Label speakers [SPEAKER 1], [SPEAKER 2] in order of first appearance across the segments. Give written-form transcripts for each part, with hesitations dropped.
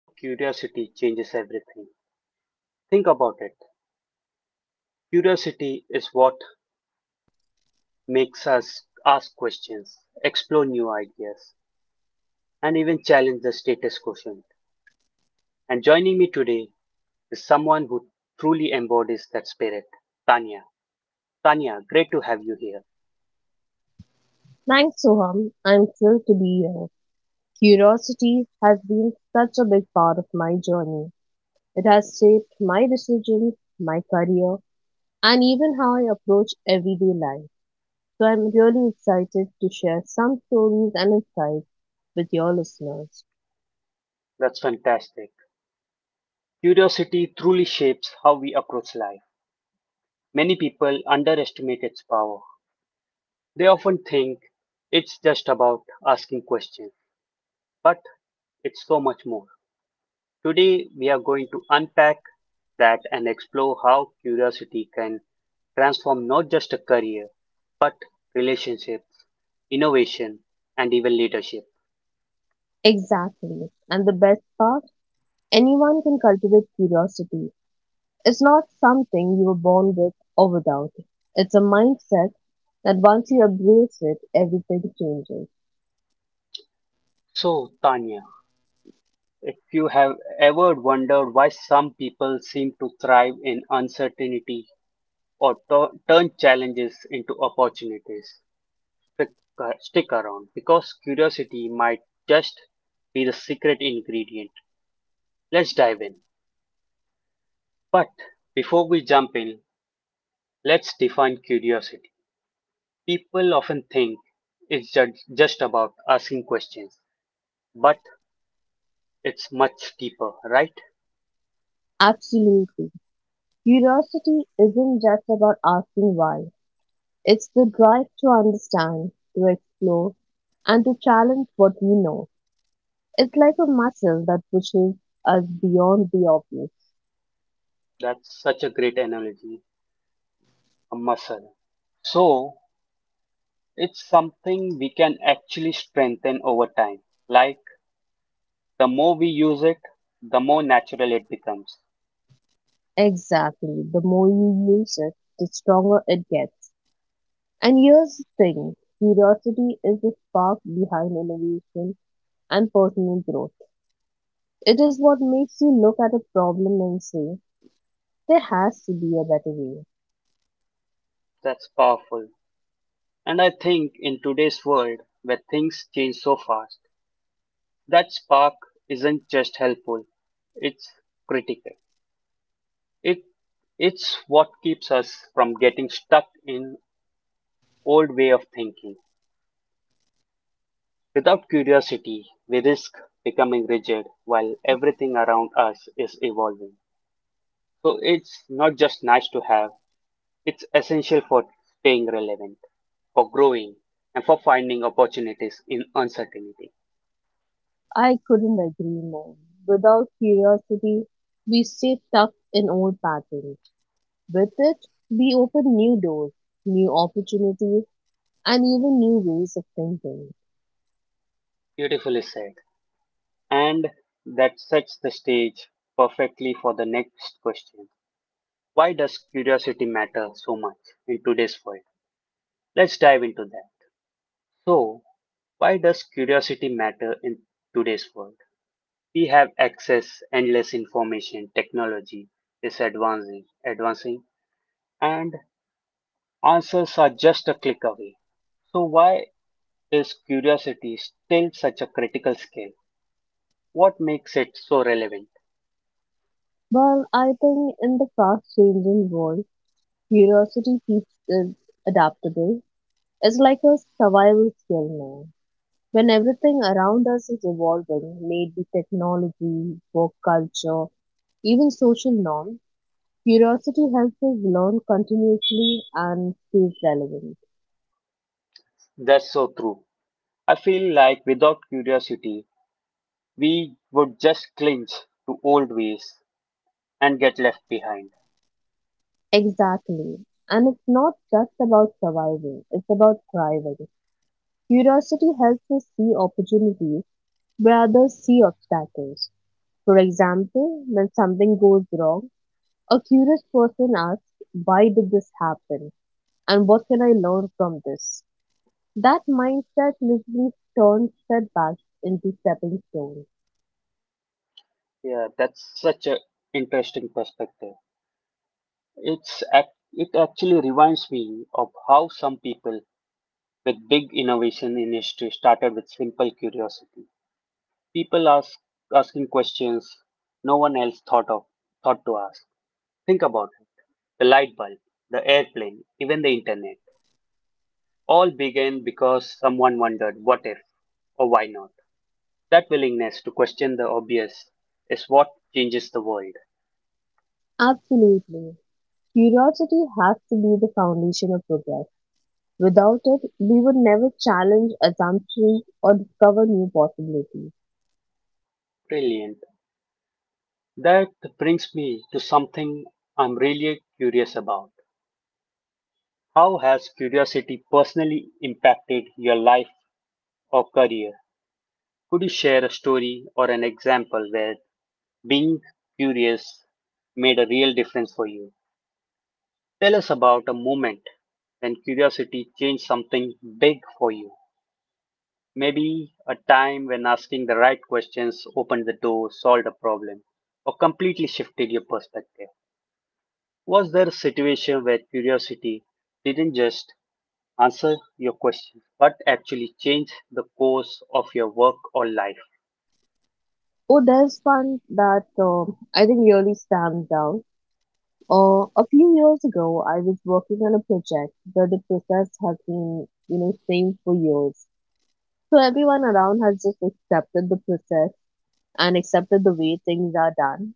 [SPEAKER 1] how curiosity changes everything. Think about it. Curiosity is what makes us ask questions, explore new ideas, and even challenge the status quo. And joining me today is someone who truly embodies that spirit, Tanya. Tanya, great to have you here.
[SPEAKER 2] Thanks, Soham. I'm thrilled to be here. Curiosity has been such a big part of my journey. It has shaped my decisions, my career, and even how I approach everyday life. So I'm really excited to share some stories and insights with your listeners.
[SPEAKER 1] That's fantastic. Curiosity truly shapes how we approach life. Many people underestimate its power. They often think it's just about asking questions, but it's so much more. Today, we are going to unpack that and explore how curiosity can transform not just a career, but relationships, innovation, and even leadership.
[SPEAKER 2] Exactly. And the best part, anyone can cultivate curiosity. It's not something you were born with or without. It's a mindset that once you embrace it, everything changes.
[SPEAKER 1] So, Tanya, if you have ever wondered why some people seem to thrive in uncertainty or turn challenges into opportunities, stick around because curiosity might just be the secret ingredient. Let's dive in. But before we jump in, let's define curiosity. People often think it's just about asking questions, but it's much deeper, right?
[SPEAKER 2] Absolutely. Curiosity isn't just about asking why. It's the drive to understand, to explore, and to challenge what we know. It's like a muscle that pushes us beyond the obvious.
[SPEAKER 1] That's such a great analogy, a muscle. So, it's something we can actually strengthen over time. Like, the more we use it, the more natural it becomes.
[SPEAKER 2] Exactly. The more you use it, the stronger it gets. And here's the thing. Curiosity is the spark behind innovation and personal growth. It is what makes you look at a problem and say, there has to be a better way.
[SPEAKER 1] That's powerful. And I think in today's world, where things change so fast, that spark isn't just helpful, it's critical. It, it's what keeps us from getting stuck in old way of thinking. Without curiosity, we risk becoming rigid while everything around us is evolving. So it's not just nice to have, it's essential for staying relevant, for growing, and for finding opportunities in uncertainty.
[SPEAKER 2] I couldn't agree more. Without curiosity, we stay stuck in old patterns. With it, we open new doors, new opportunities, and even new ways of thinking.
[SPEAKER 1] Beautifully said. And that sets the stage perfectly for the next question. Why does curiosity matter so much in today's world? Let's dive into that. So, why does curiosity matter in today's world? We have access, endless information, technology is advancing, and answers are just a click away. So, why is curiosity still such a critical skill? What makes it so relevant?
[SPEAKER 2] Well, I think in the fast changing world, curiosity keeps us adaptable. It's like a survival skill now. When everything around us is evolving, maybe technology, work culture, even social norms, curiosity helps us learn continuously and stay relevant.
[SPEAKER 1] That's so true. I feel like without curiosity, we would just cling to old ways and get left behind.
[SPEAKER 2] Exactly. And it's not just about surviving, it's about thriving. Curiosity helps us see opportunities where others see obstacles. For example, when something goes wrong, a curious person asks, why did this happen? And what can I learn from this? That mindset literally turns setbacks into stepping stones.
[SPEAKER 1] Yeah, that's such an interesting perspective. It actually reminds me of how some people with big innovation in history started with simple curiosity. People ask asking questions no one else thought to ask. Think about it: the light bulb, the airplane, even the internet. All began because someone wondered what if or why not. That willingness to question the obvious is what changes the world.
[SPEAKER 2] Absolutely. Curiosity has to be the foundation of progress. Without it, we would never challenge assumptions or discover new possibilities.
[SPEAKER 1] Brilliant. That brings me to something I'm really curious about. How has curiosity personally impacted your life or career? Could you share a story or an example where being curious made a real difference for you? Tell us about a moment when curiosity changed something big for you. Maybe a time when asking the right questions opened the door, solved a problem, or completely shifted your perspective. Was there a situation where curiosity didn't just answer your question, but actually changed the course of your work or life?
[SPEAKER 2] Oh, there's one that I think really stands out. A few years ago, I was working on a project where the process has been, you know, same for years. So everyone around has just accepted the process and accepted the way things are done.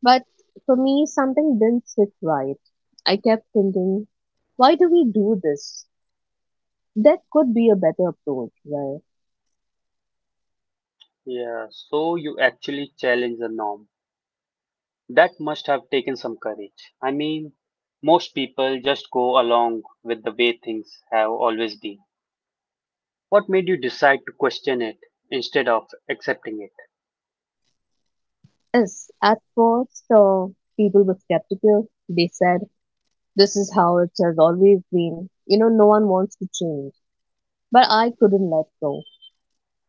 [SPEAKER 2] But for me, something didn't sit right. I kept thinking, why do we do this? That could be a better approach, right?
[SPEAKER 1] Yeah, so you actually challenge the norm. That must have taken some courage. I mean, most people just go along with the way things have always been. What made you decide to question it instead of accepting it?
[SPEAKER 2] Yes, at first, people were skeptical. They said, this is how it has always been. You know, no one wants to change. But I couldn't let go.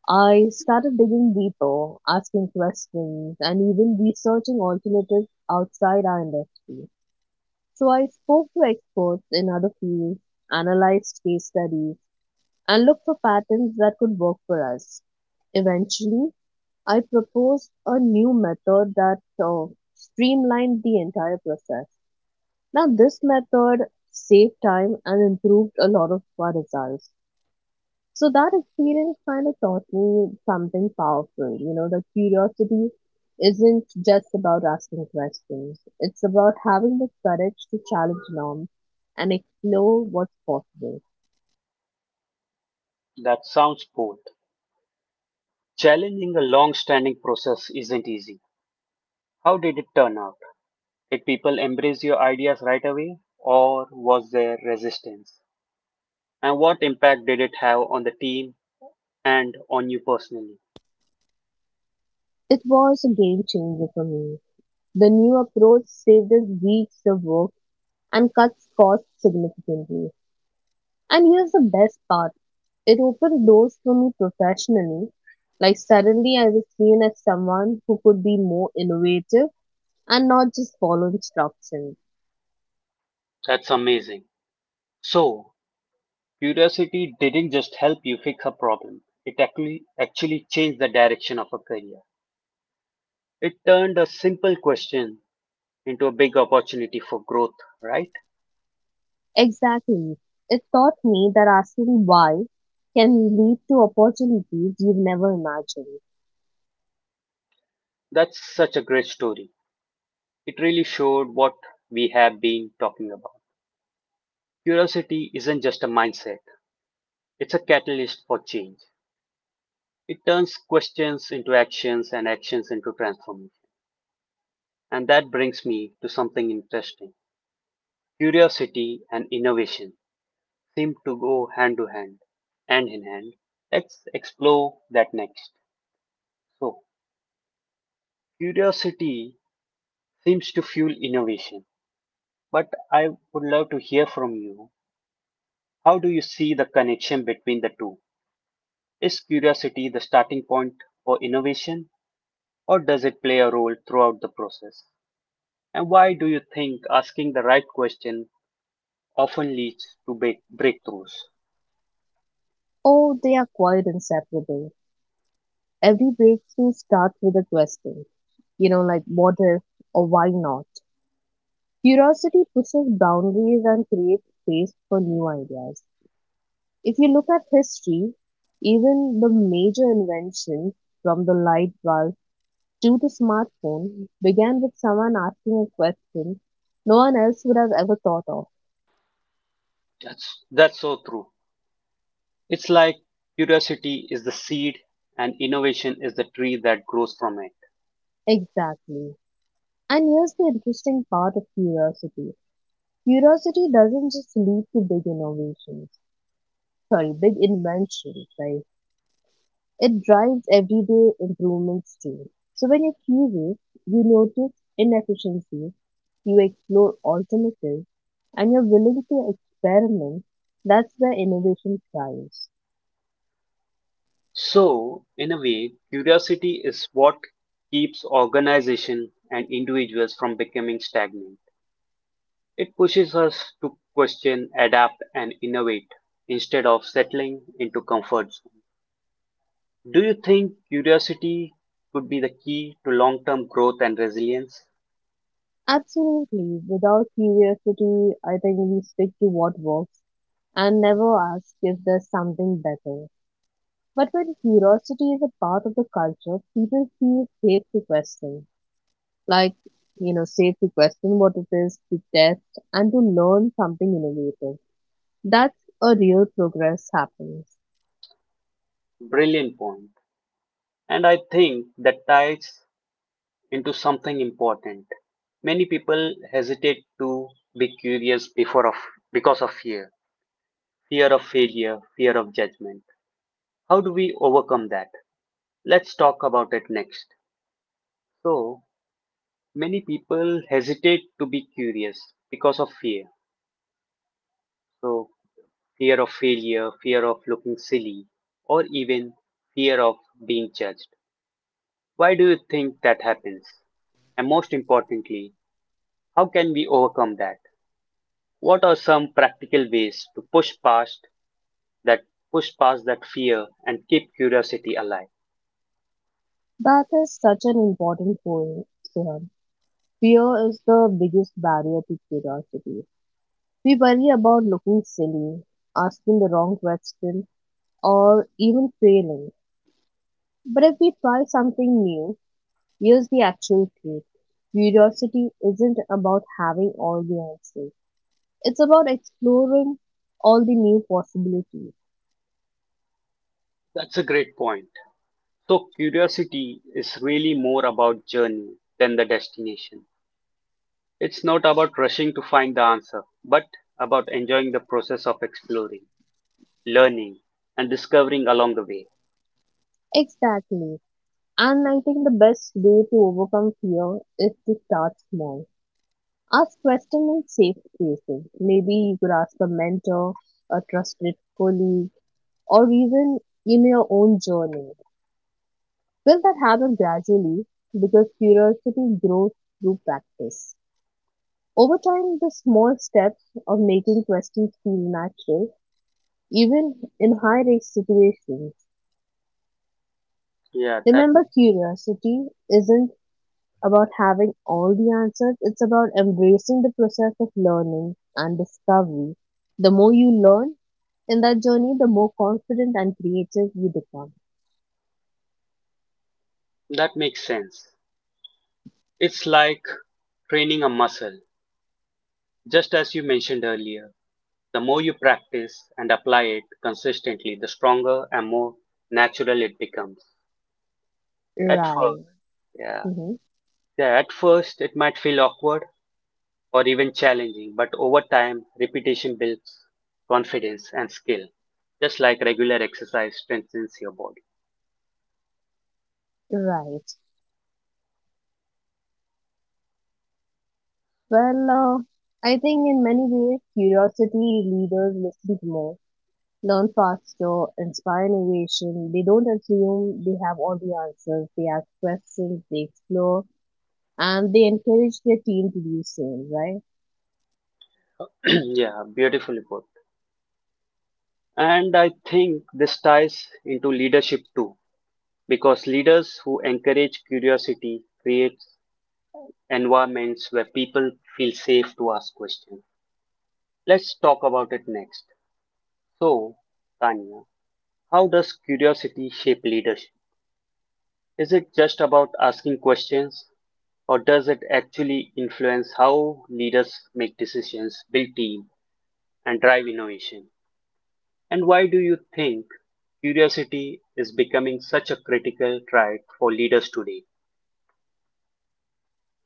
[SPEAKER 2] I started digging deeper, asking questions, and even researching alternatives outside our industry. So I spoke to experts in other fields, analyzed case studies, and looked for patterns that could work for us. Eventually, I proposed a new method that streamlined the entire process. Now, this method saved time and improved a lot of our results. So, that experience kind of taught me something powerful. You know, that curiosity isn't just about asking questions, it's about having the courage to challenge norms and explore what's possible.
[SPEAKER 1] That sounds cool. Challenging a long-standing process isn't easy. How did it turn out? Did people embrace your ideas right away, or was there resistance? And what impact did it have on the team and on you personally?
[SPEAKER 2] It was a game changer for me. The new approach saved us weeks of work and cuts costs significantly. And here's the best part, it opened doors for me professionally. Like, suddenly I was seen as someone who could be more innovative and not just follow instructions.
[SPEAKER 1] That's amazing. So, curiosity didn't just help you fix a problem. It actually changed the direction of a career. It turned a simple question into a big opportunity for growth, right?
[SPEAKER 2] Exactly. It taught me that asking why can lead to opportunities you've never imagined.
[SPEAKER 1] That's such a great story. It really showed what we have been talking about. Curiosity isn't just a mindset, it's a catalyst for change. It turns questions into actions and actions into transformation. And that brings me to something interesting. Curiosity and innovation seem to go hand to hand, hand in hand. Let's explore that next. So, curiosity seems to fuel innovation, but I would love to hear from you. How do you see the connection between the two? Is curiosity the starting point for innovation, or does it play a role throughout the process? And why do you think asking the right question often leads to breakthroughs?
[SPEAKER 2] Oh, they are quite inseparable. Every breakthrough starts with a question, you know, like what if or why not? Curiosity pushes boundaries and creates space for new ideas. If you look at history, even the major inventions from the light bulb to the smartphone began with someone asking a question no one else would have ever thought of.
[SPEAKER 1] That's so true. It's like curiosity is the seed and innovation is the tree that grows from it.
[SPEAKER 2] Exactly. And here's the interesting part of curiosity. Curiosity doesn't just lead to big innovations, sorry, big inventions, right? It drives everyday improvements too. So when you're curious, you notice inefficiencies, you explore alternatives, and you're willing to experiment. That's where innovation thrives.
[SPEAKER 1] So, in a way, curiosity is what keeps organization and individuals from becoming stagnant. It pushes us to question, adapt, and innovate instead of settling into comfort zone. Do you think curiosity could be the key to long term growth and resilience?
[SPEAKER 2] Absolutely. Without curiosity, I think we stick to what works and never ask if there's something better. But when curiosity is a part of the culture, people feel safe to question. Like, you know, safe to question what it is, to test, and to learn something innovative. That's a real progress happens.
[SPEAKER 1] Brilliant point. And I think that ties into something important. Many people hesitate to be curious because of fear, fear of failure, fear of judgment. How do we overcome that? Let's talk about it next. So, many people hesitate to be curious because of fear. So, fear of failure, fear of looking silly, or even fear of being judged. Why do you think that happens? And most importantly, how can we overcome that? What are some practical ways to that push past that fear and keep curiosity alive?
[SPEAKER 2] That is such an important point, Suhan. Fear is the biggest barrier to curiosity. We worry about looking silly, asking the wrong question, or even failing, but if we try something new, here's the actual truth. Curiosity isn't about having all the answers. It's about exploring all the new possibilities.
[SPEAKER 1] That's a great point. So curiosity is really more about journey than the destination. It's not about rushing to find the answer, but about enjoying the process of exploring, learning, and discovering along the way.
[SPEAKER 2] Exactly. And I think the best way to overcome fear is to start small. Ask questions in safe spaces. Maybe you could ask a mentor, a trusted colleague, or even in your own journey. Will that happen gradually, because curiosity grows through practice. Over time, the small steps of making questions feel natural, even in high risk situations.
[SPEAKER 1] Yeah, that ma-
[SPEAKER 2] Remember, curiosity isn't about having all the answers, it's about embracing the process of learning and discovery. The more you learn in that journey, the more confident and creative you become.
[SPEAKER 1] that makes sense. It's like training a muscle. Just as you mentioned earlier, the more you practice and apply it consistently, the stronger and more natural it becomes. At first,
[SPEAKER 2] Right.
[SPEAKER 1] yeah,
[SPEAKER 2] Hmm.
[SPEAKER 1] yeah, at first it might feel awkward or even challenging, but over time, repetition builds confidence and skill, just like regular exercise strengthens your body.
[SPEAKER 2] Right. Well, I think in many ways, curiosity leaders listen more, learn faster, inspire innovation. They don't assume they have all the answers. They ask questions, they explore, and they encourage their team to do the same, right?
[SPEAKER 1] Yeah, beautifully put. And I think this ties into leadership too, because leaders who encourage curiosity create environments where people feel safe to ask questions. Let's talk about it next. So, Tanya, how does curiosity shape leadership? Is it just about asking questions? Or does it actually influence how leaders make decisions, build teams, and drive innovation? And why do you think curiosity is becoming such a critical trait for leaders today?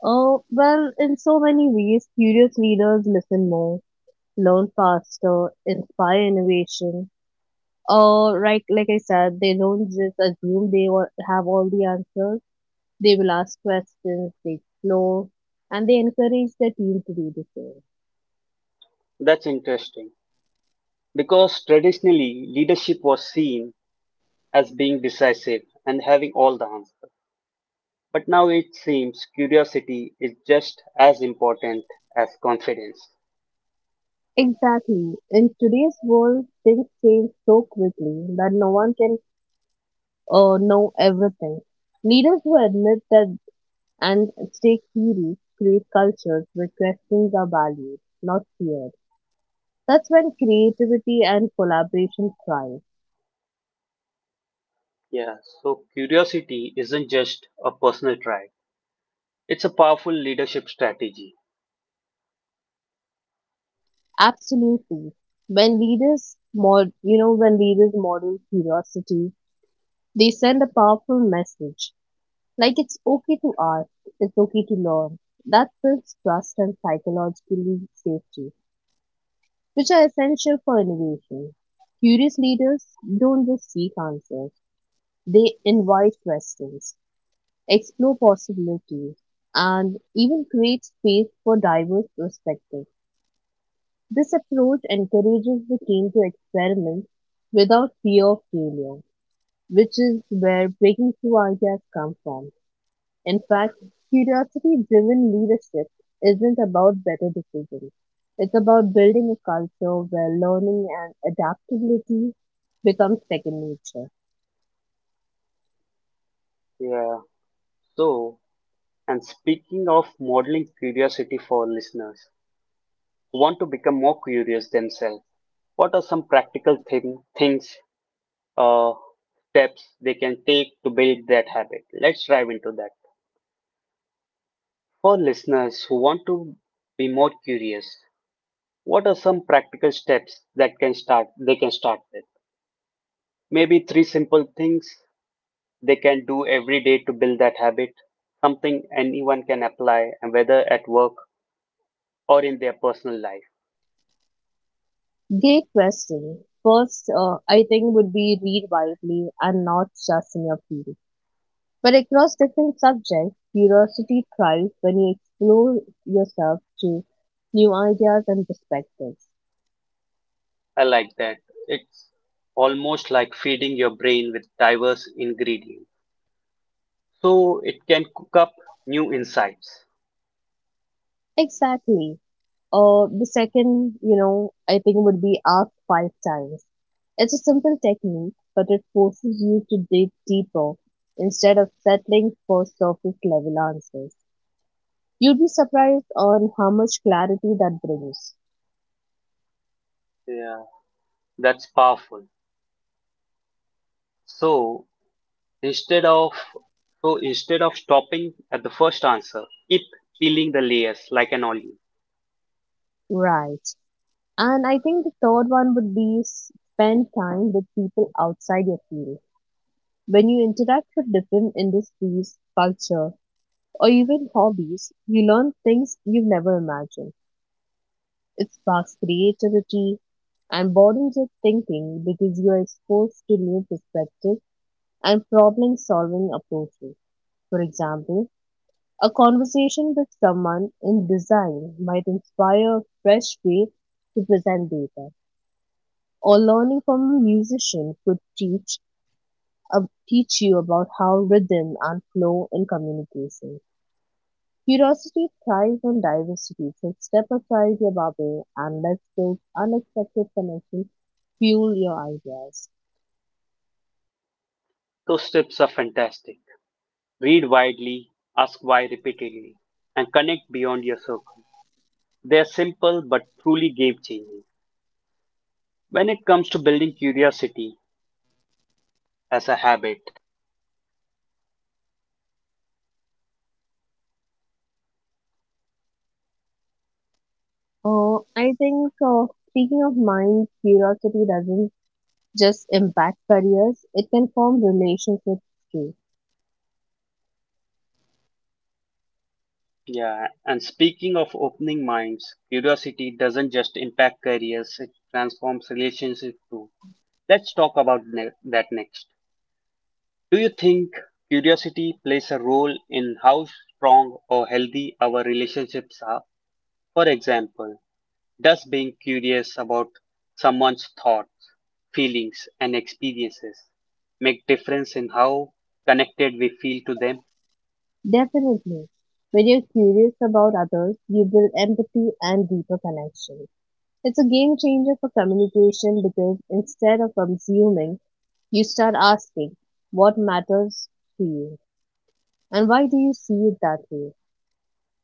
[SPEAKER 2] Well, in so many ways, curious leaders listen more, learn faster, inspire innovation. Right, like I said, they don't just assume they have all the answers. They will ask questions, they explore, and they encourage their team to do the same.
[SPEAKER 1] That's interesting. Because traditionally, leadership was seen as being decisive and having all the answers. But now it seems curiosity is just as important as confidence.
[SPEAKER 2] Exactly. In today's world, things change so quickly that no one can know everything. Leaders who admit that and stake theories create cultures where questions are valued, not feared. That's when creativity and collaboration thrive.
[SPEAKER 1] Yeah, so curiosity isn't just a personal trait, it's a powerful leadership strategy.
[SPEAKER 2] Absolutely. You know, when leaders model curiosity, they send a powerful message. Like, it's okay to ask, it's okay to learn. That builds trust and psychologically safety, which are essential for innovation. Curious leaders don't just seek answers, they invite questions, explore possibilities, and even create space for diverse perspectives. This approach encourages the team to experiment without fear of failure, which is where breaking through ideas come from. In fact, curiosity driven leadership isn't about better decisions. It's about building a culture where learning and adaptability becomes second nature.
[SPEAKER 1] Yeah. So, and speaking of modeling curiosity for listeners who want to become more curious themselves, what are some practical uh, steps they can take to build that habit? Let's dive into that. For listeners who want to be more curious, what are some practical steps that can start they can start with? Maybe three simple things they can do every day to build that habit, something anyone can apply and whether at work or in their personal life.
[SPEAKER 2] Great question. First, I think would be read widely and not just in your field, but across different subjects. Curiosity thrives when you explore yourself to new ideas and perspectives.
[SPEAKER 1] I like that. It's almost like feeding your brain with diverse ingredients. So it can cook up new insights.
[SPEAKER 2] Exactly. The second, you know, I think would be ask five times. It's a simple technique, but it forces you to dig deeper instead of settling for surface level answers. You'd be surprised on how much clarity that brings.
[SPEAKER 1] Yeah, that's powerful. So instead of instead of stopping at the first answer, keep peeling the layers like an onion.
[SPEAKER 2] Right. And I think the third one would be spend time with people outside your field. When you interact with different industries, culture, or even hobbies, you learn things you've never imagined. It sparks creativity and broadens your thinking because you're exposed to new perspectives and problem solving approaches. For example, a conversation with someone in design might inspire a fresh way to present data, or learning from a musician could uh, teach you about how rhythm and flow in communication. Curiosity thrives on diversity, so step aside your bubble and let those unexpected connections fuel your ideas.
[SPEAKER 1] Those tips are fantastic. Read widely, ask why repeatedly, and connect beyond your circle. They are simple but truly game changing. When it comes to building curiosity, as a habit.
[SPEAKER 2] Speaking of mind, curiosity doesn't just impact careers, it can form relationships too.
[SPEAKER 1] Yeah, and speaking of opening minds, curiosity doesn't just impact careers, it transforms relationships too. Let's talk about ne- that next. Do you think curiosity plays a role in how strong or healthy our relationships are? For example, does being curious about someone's thoughts, feelings, and experiences make difference in how connected we feel to them?
[SPEAKER 2] Definitely. When you're curious about others, you build empathy and deeper connection. It's a game changer for communication because instead of assuming, you start asking what matters to you, and why do you see it that way.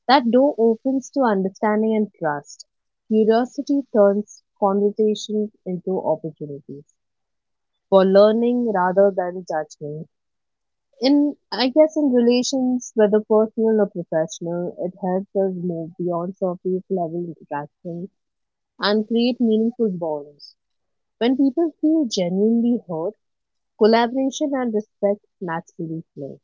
[SPEAKER 2] That door opens to understanding and trust. Curiosity turns conversations into opportunities for learning rather than judgment. In, I guess, in relations, whether personal or professional, it helps us move beyond surface level interaction and create meaningful bonds. When people feel genuinely heard, collaboration and respect naturally flow.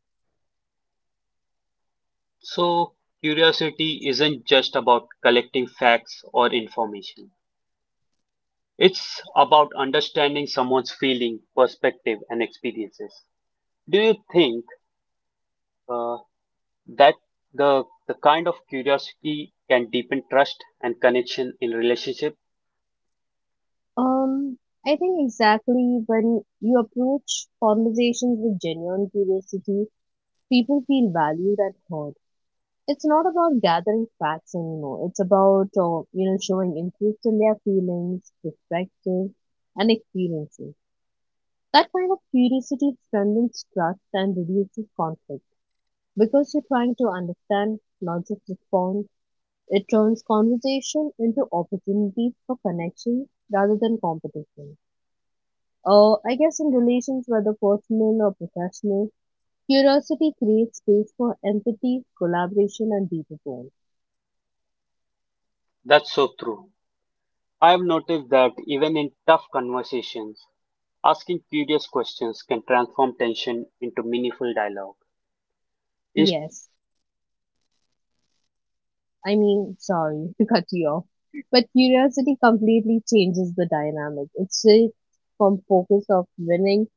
[SPEAKER 1] So, curiosity isn't just about collecting facts or information. It's about understanding someone's feeling, perspective, and experiences. Do you think uh, that the kind of curiosity can deepen trust and connection in relationship?
[SPEAKER 2] Um, I think exactly when you approach conversations with genuine curiosity, people feel valued and heard. It's not about gathering facts anymore. It's about, you know, showing interest in their feelings, perspectives, and experiences. That kind of curiosity strengthens trust and reduces conflict because you're trying to understand, not just respond. It turns conversation into opportunities for connection rather than competition. I guess in relations, whether personal or professional, curiosity creates space for empathy, collaboration, and deeper bonds.
[SPEAKER 1] That's so true. I've noticed that even in tough conversations, asking curious questions can transform tension into meaningful dialogue. Instead
[SPEAKER 2] Yes,
[SPEAKER 1] of escalating conflict, curiosity
[SPEAKER 2] I
[SPEAKER 1] opens space
[SPEAKER 2] mean,
[SPEAKER 1] for
[SPEAKER 2] sorry to
[SPEAKER 1] understanding.
[SPEAKER 2] cut you off, but curiosity completely changes the dynamic. It shifts from focus of winning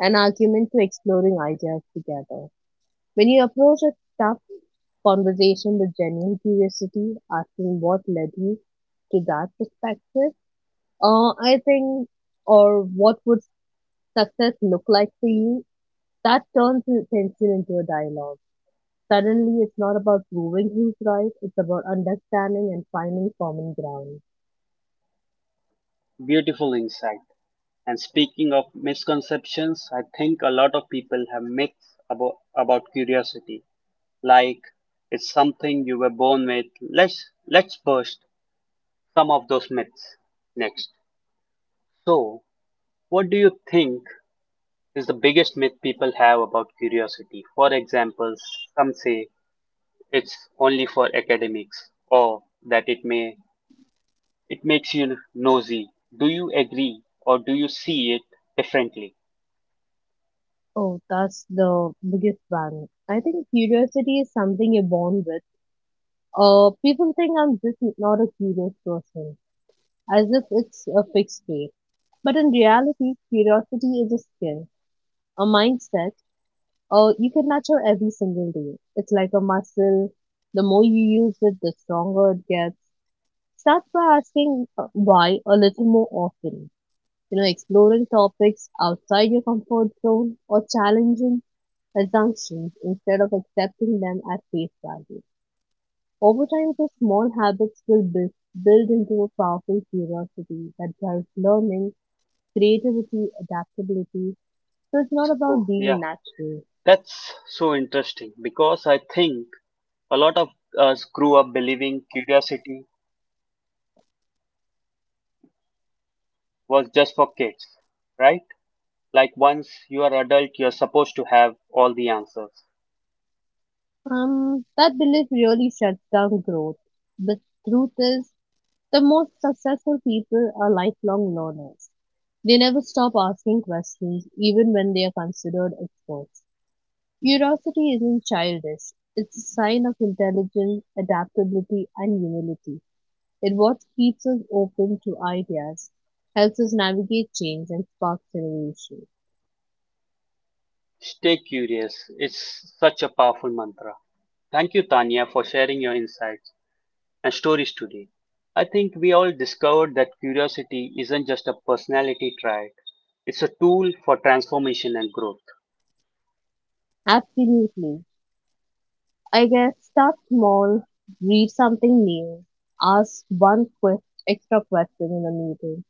[SPEAKER 2] an argument to exploring ideas together. When you approach a tough conversation with genuine curiosity, asking what led you to that perspective, uh, I think, or what would success look like for you, that turns the tension into a dialogue. Suddenly, it's not about proving who's right, it's about understanding and finding common ground.
[SPEAKER 1] Beautiful insight. And speaking of misconceptions, I think a lot of people have myths about curiosity. Like it's something you were born with. Let's burst some of those myths next. So, what do you think is the biggest myth people have about curiosity? For example, some say it's only for academics or that it makes you nosy. Do you agree or do you see it differently?
[SPEAKER 2] Oh, that's the biggest one. I think curiosity is something you're born with. People think I'm just not a curious person, as if it's a fixed rate. But in reality, curiosity is a skill, a mindset, or you can nurture every single day. It's like a muscle. The more you use it, the stronger it gets. Start by asking why a little more often. You know, exploring topics outside your comfort zone, or challenging assumptions instead of accepting them at face value. Over time, those small habits will build into a powerful curiosity that drives learning, creativity, adaptability. So it's not about
[SPEAKER 1] So, yeah,
[SPEAKER 2] being natural.
[SPEAKER 1] that's so interesting because I think a lot of us grew up believing curiosity was just for kids, right? Like once you are adult, you're supposed to have all the answers.
[SPEAKER 2] That belief really shuts down growth. The truth is, the most successful people are lifelong learners. They never stop asking questions, even when they are considered experts. Curiosity isn't childish. It's a sign of intelligence, adaptability, and humility. It what keeps us open to ideas, helps us navigate change, and sparks innovation.
[SPEAKER 1] Stay curious. It's such a powerful mantra. Thank you, Tanya, for sharing your insights. And stories today. I think we all discovered that curiosity isn't just a personality trait, it's a tool for transformation and growth.
[SPEAKER 2] Absolutely. I guess start small, read something new, ask extra question in a meeting,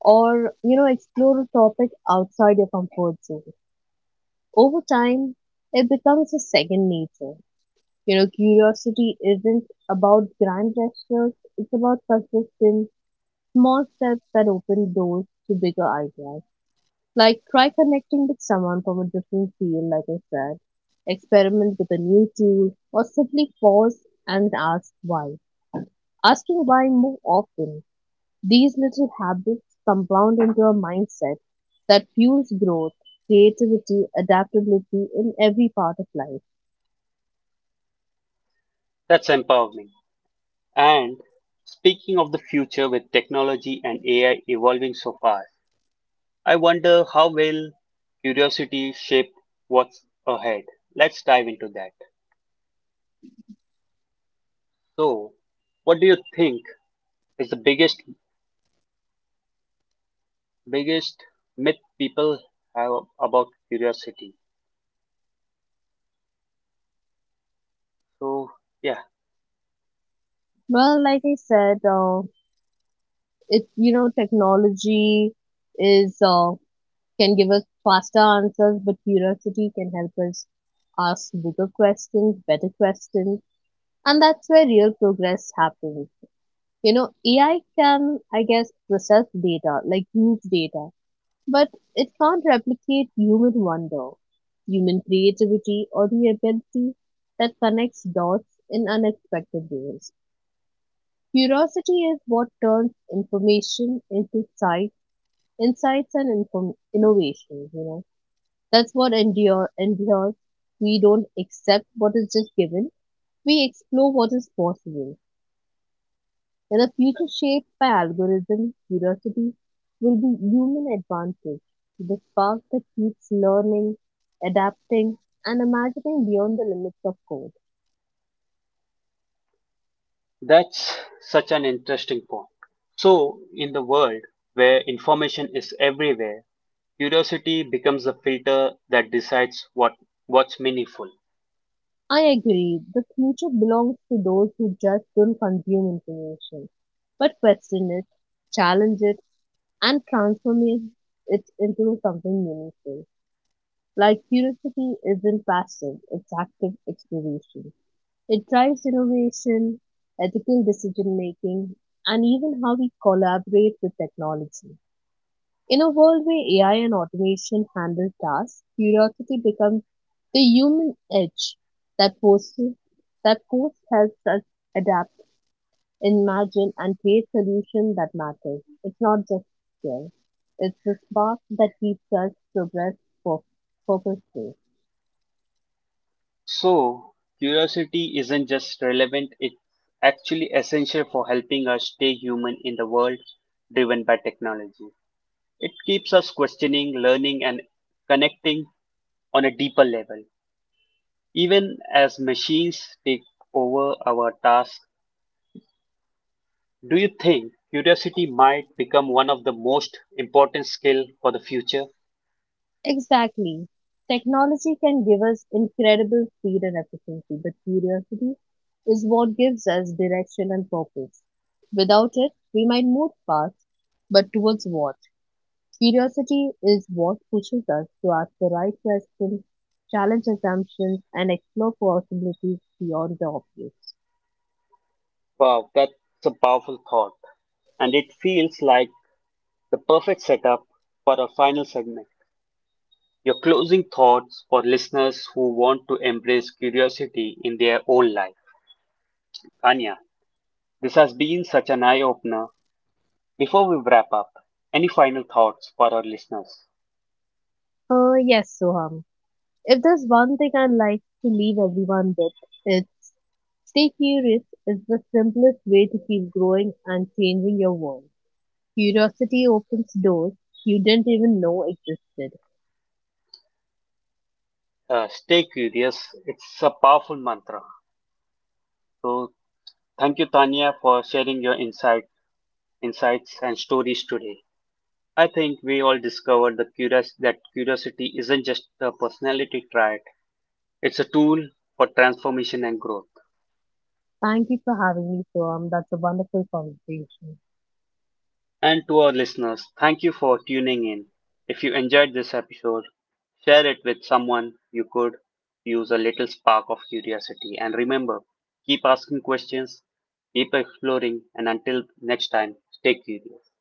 [SPEAKER 2] or you know, explore a topic outside your comfort zone. Over time, it becomes a second nature. You know, curiosity isn't about grand gestures, it's about consistent small steps that open doors to bigger ideas. Like, try connecting with someone from a different field, like I said, experiment with a new tool, or simply pause and ask why. Asking why more often, these little habits compound into a mindset that fuels growth, creativity, adaptability in every part of life.
[SPEAKER 1] That's empowering. And speaking of the future with technology and AI evolving so fast, I wonder how will curiosity shape what's ahead? Let's dive into that. So, what do you think is the biggest myth people have about curiosity? So, yeah.
[SPEAKER 2] Well, like I said, it, you know, technology is can give us faster answers, but curiosity can help us ask bigger questions, better questions, and that's where real progress happens. You know, AI can, I guess, process data, like huge data, but it can't replicate human wonder, human creativity, or the ability that connects dots in unexpected ways. Curiosity is what turns information into sight, innovation, you know. That's what endures. We don't accept what is just given. We explore what is possible. And a future shaped by algorithm, curiosity will be human advantage, the spark that keeps learning, adapting, and imagining beyond the limits of code.
[SPEAKER 1] That's such an interesting point. So, in the world where information is everywhere, curiosity becomes the filter that decides what's meaningful.
[SPEAKER 2] I agree, the future belongs to those who just don't consume information, but question it, challenge it, and transform it into something meaningful. Like, curiosity isn't passive, it's active exploration. It drives innovation, ethical decision making, and even how we collaborate with technology. In a world where AI and automation handle tasks, curiosity becomes the human edge that forces that force helps us adapt, imagine, and create solutions that matter. It's not just skill; it's the spark that keeps us progress for purposeful.
[SPEAKER 1] So, curiosity isn't just relevant, it's actually essential for helping us stay human in the world driven by technology. It keeps us questioning, learning and connecting on a deeper level. Even as machines take over our tasks, do you think curiosity might become one of the most important skill for the future?
[SPEAKER 2] Exactly. Technology can give us incredible speed and efficiency, but curiosity is what gives us direction and purpose. Without it, we might move fast, but towards what? Curiosity is what pushes us to ask the right questions, challenge assumptions, and explore possibilities beyond the obvious.
[SPEAKER 1] Wow, that's a powerful thought. And it feels like the perfect setup for our final segment. Your closing thoughts for listeners who want to embrace curiosity in their own life. Anya, this has been such an eye opener. Before we wrap up, any final thoughts for our listeners?
[SPEAKER 2] Yes, Soham. If there's one thing I'd like to leave everyone with, it's, stay curious is the simplest way to keep growing and changing your world. Curiosity opens doors you didn't even know existed.
[SPEAKER 1] Stay curious, it's a powerful mantra. So, thank you, Tanya, for sharing your insights, and stories today. I think we all that curiosity isn't just a personality trait, it's a tool for transformation and growth.
[SPEAKER 2] Thank you for having me, Soam. That's a wonderful conversation.
[SPEAKER 1] And to our listeners, thank you for tuning in. If you enjoyed this episode, share it with someone you could use a little spark of curiosity. And remember, keep asking questions, keep exploring, and until next time, stay curious.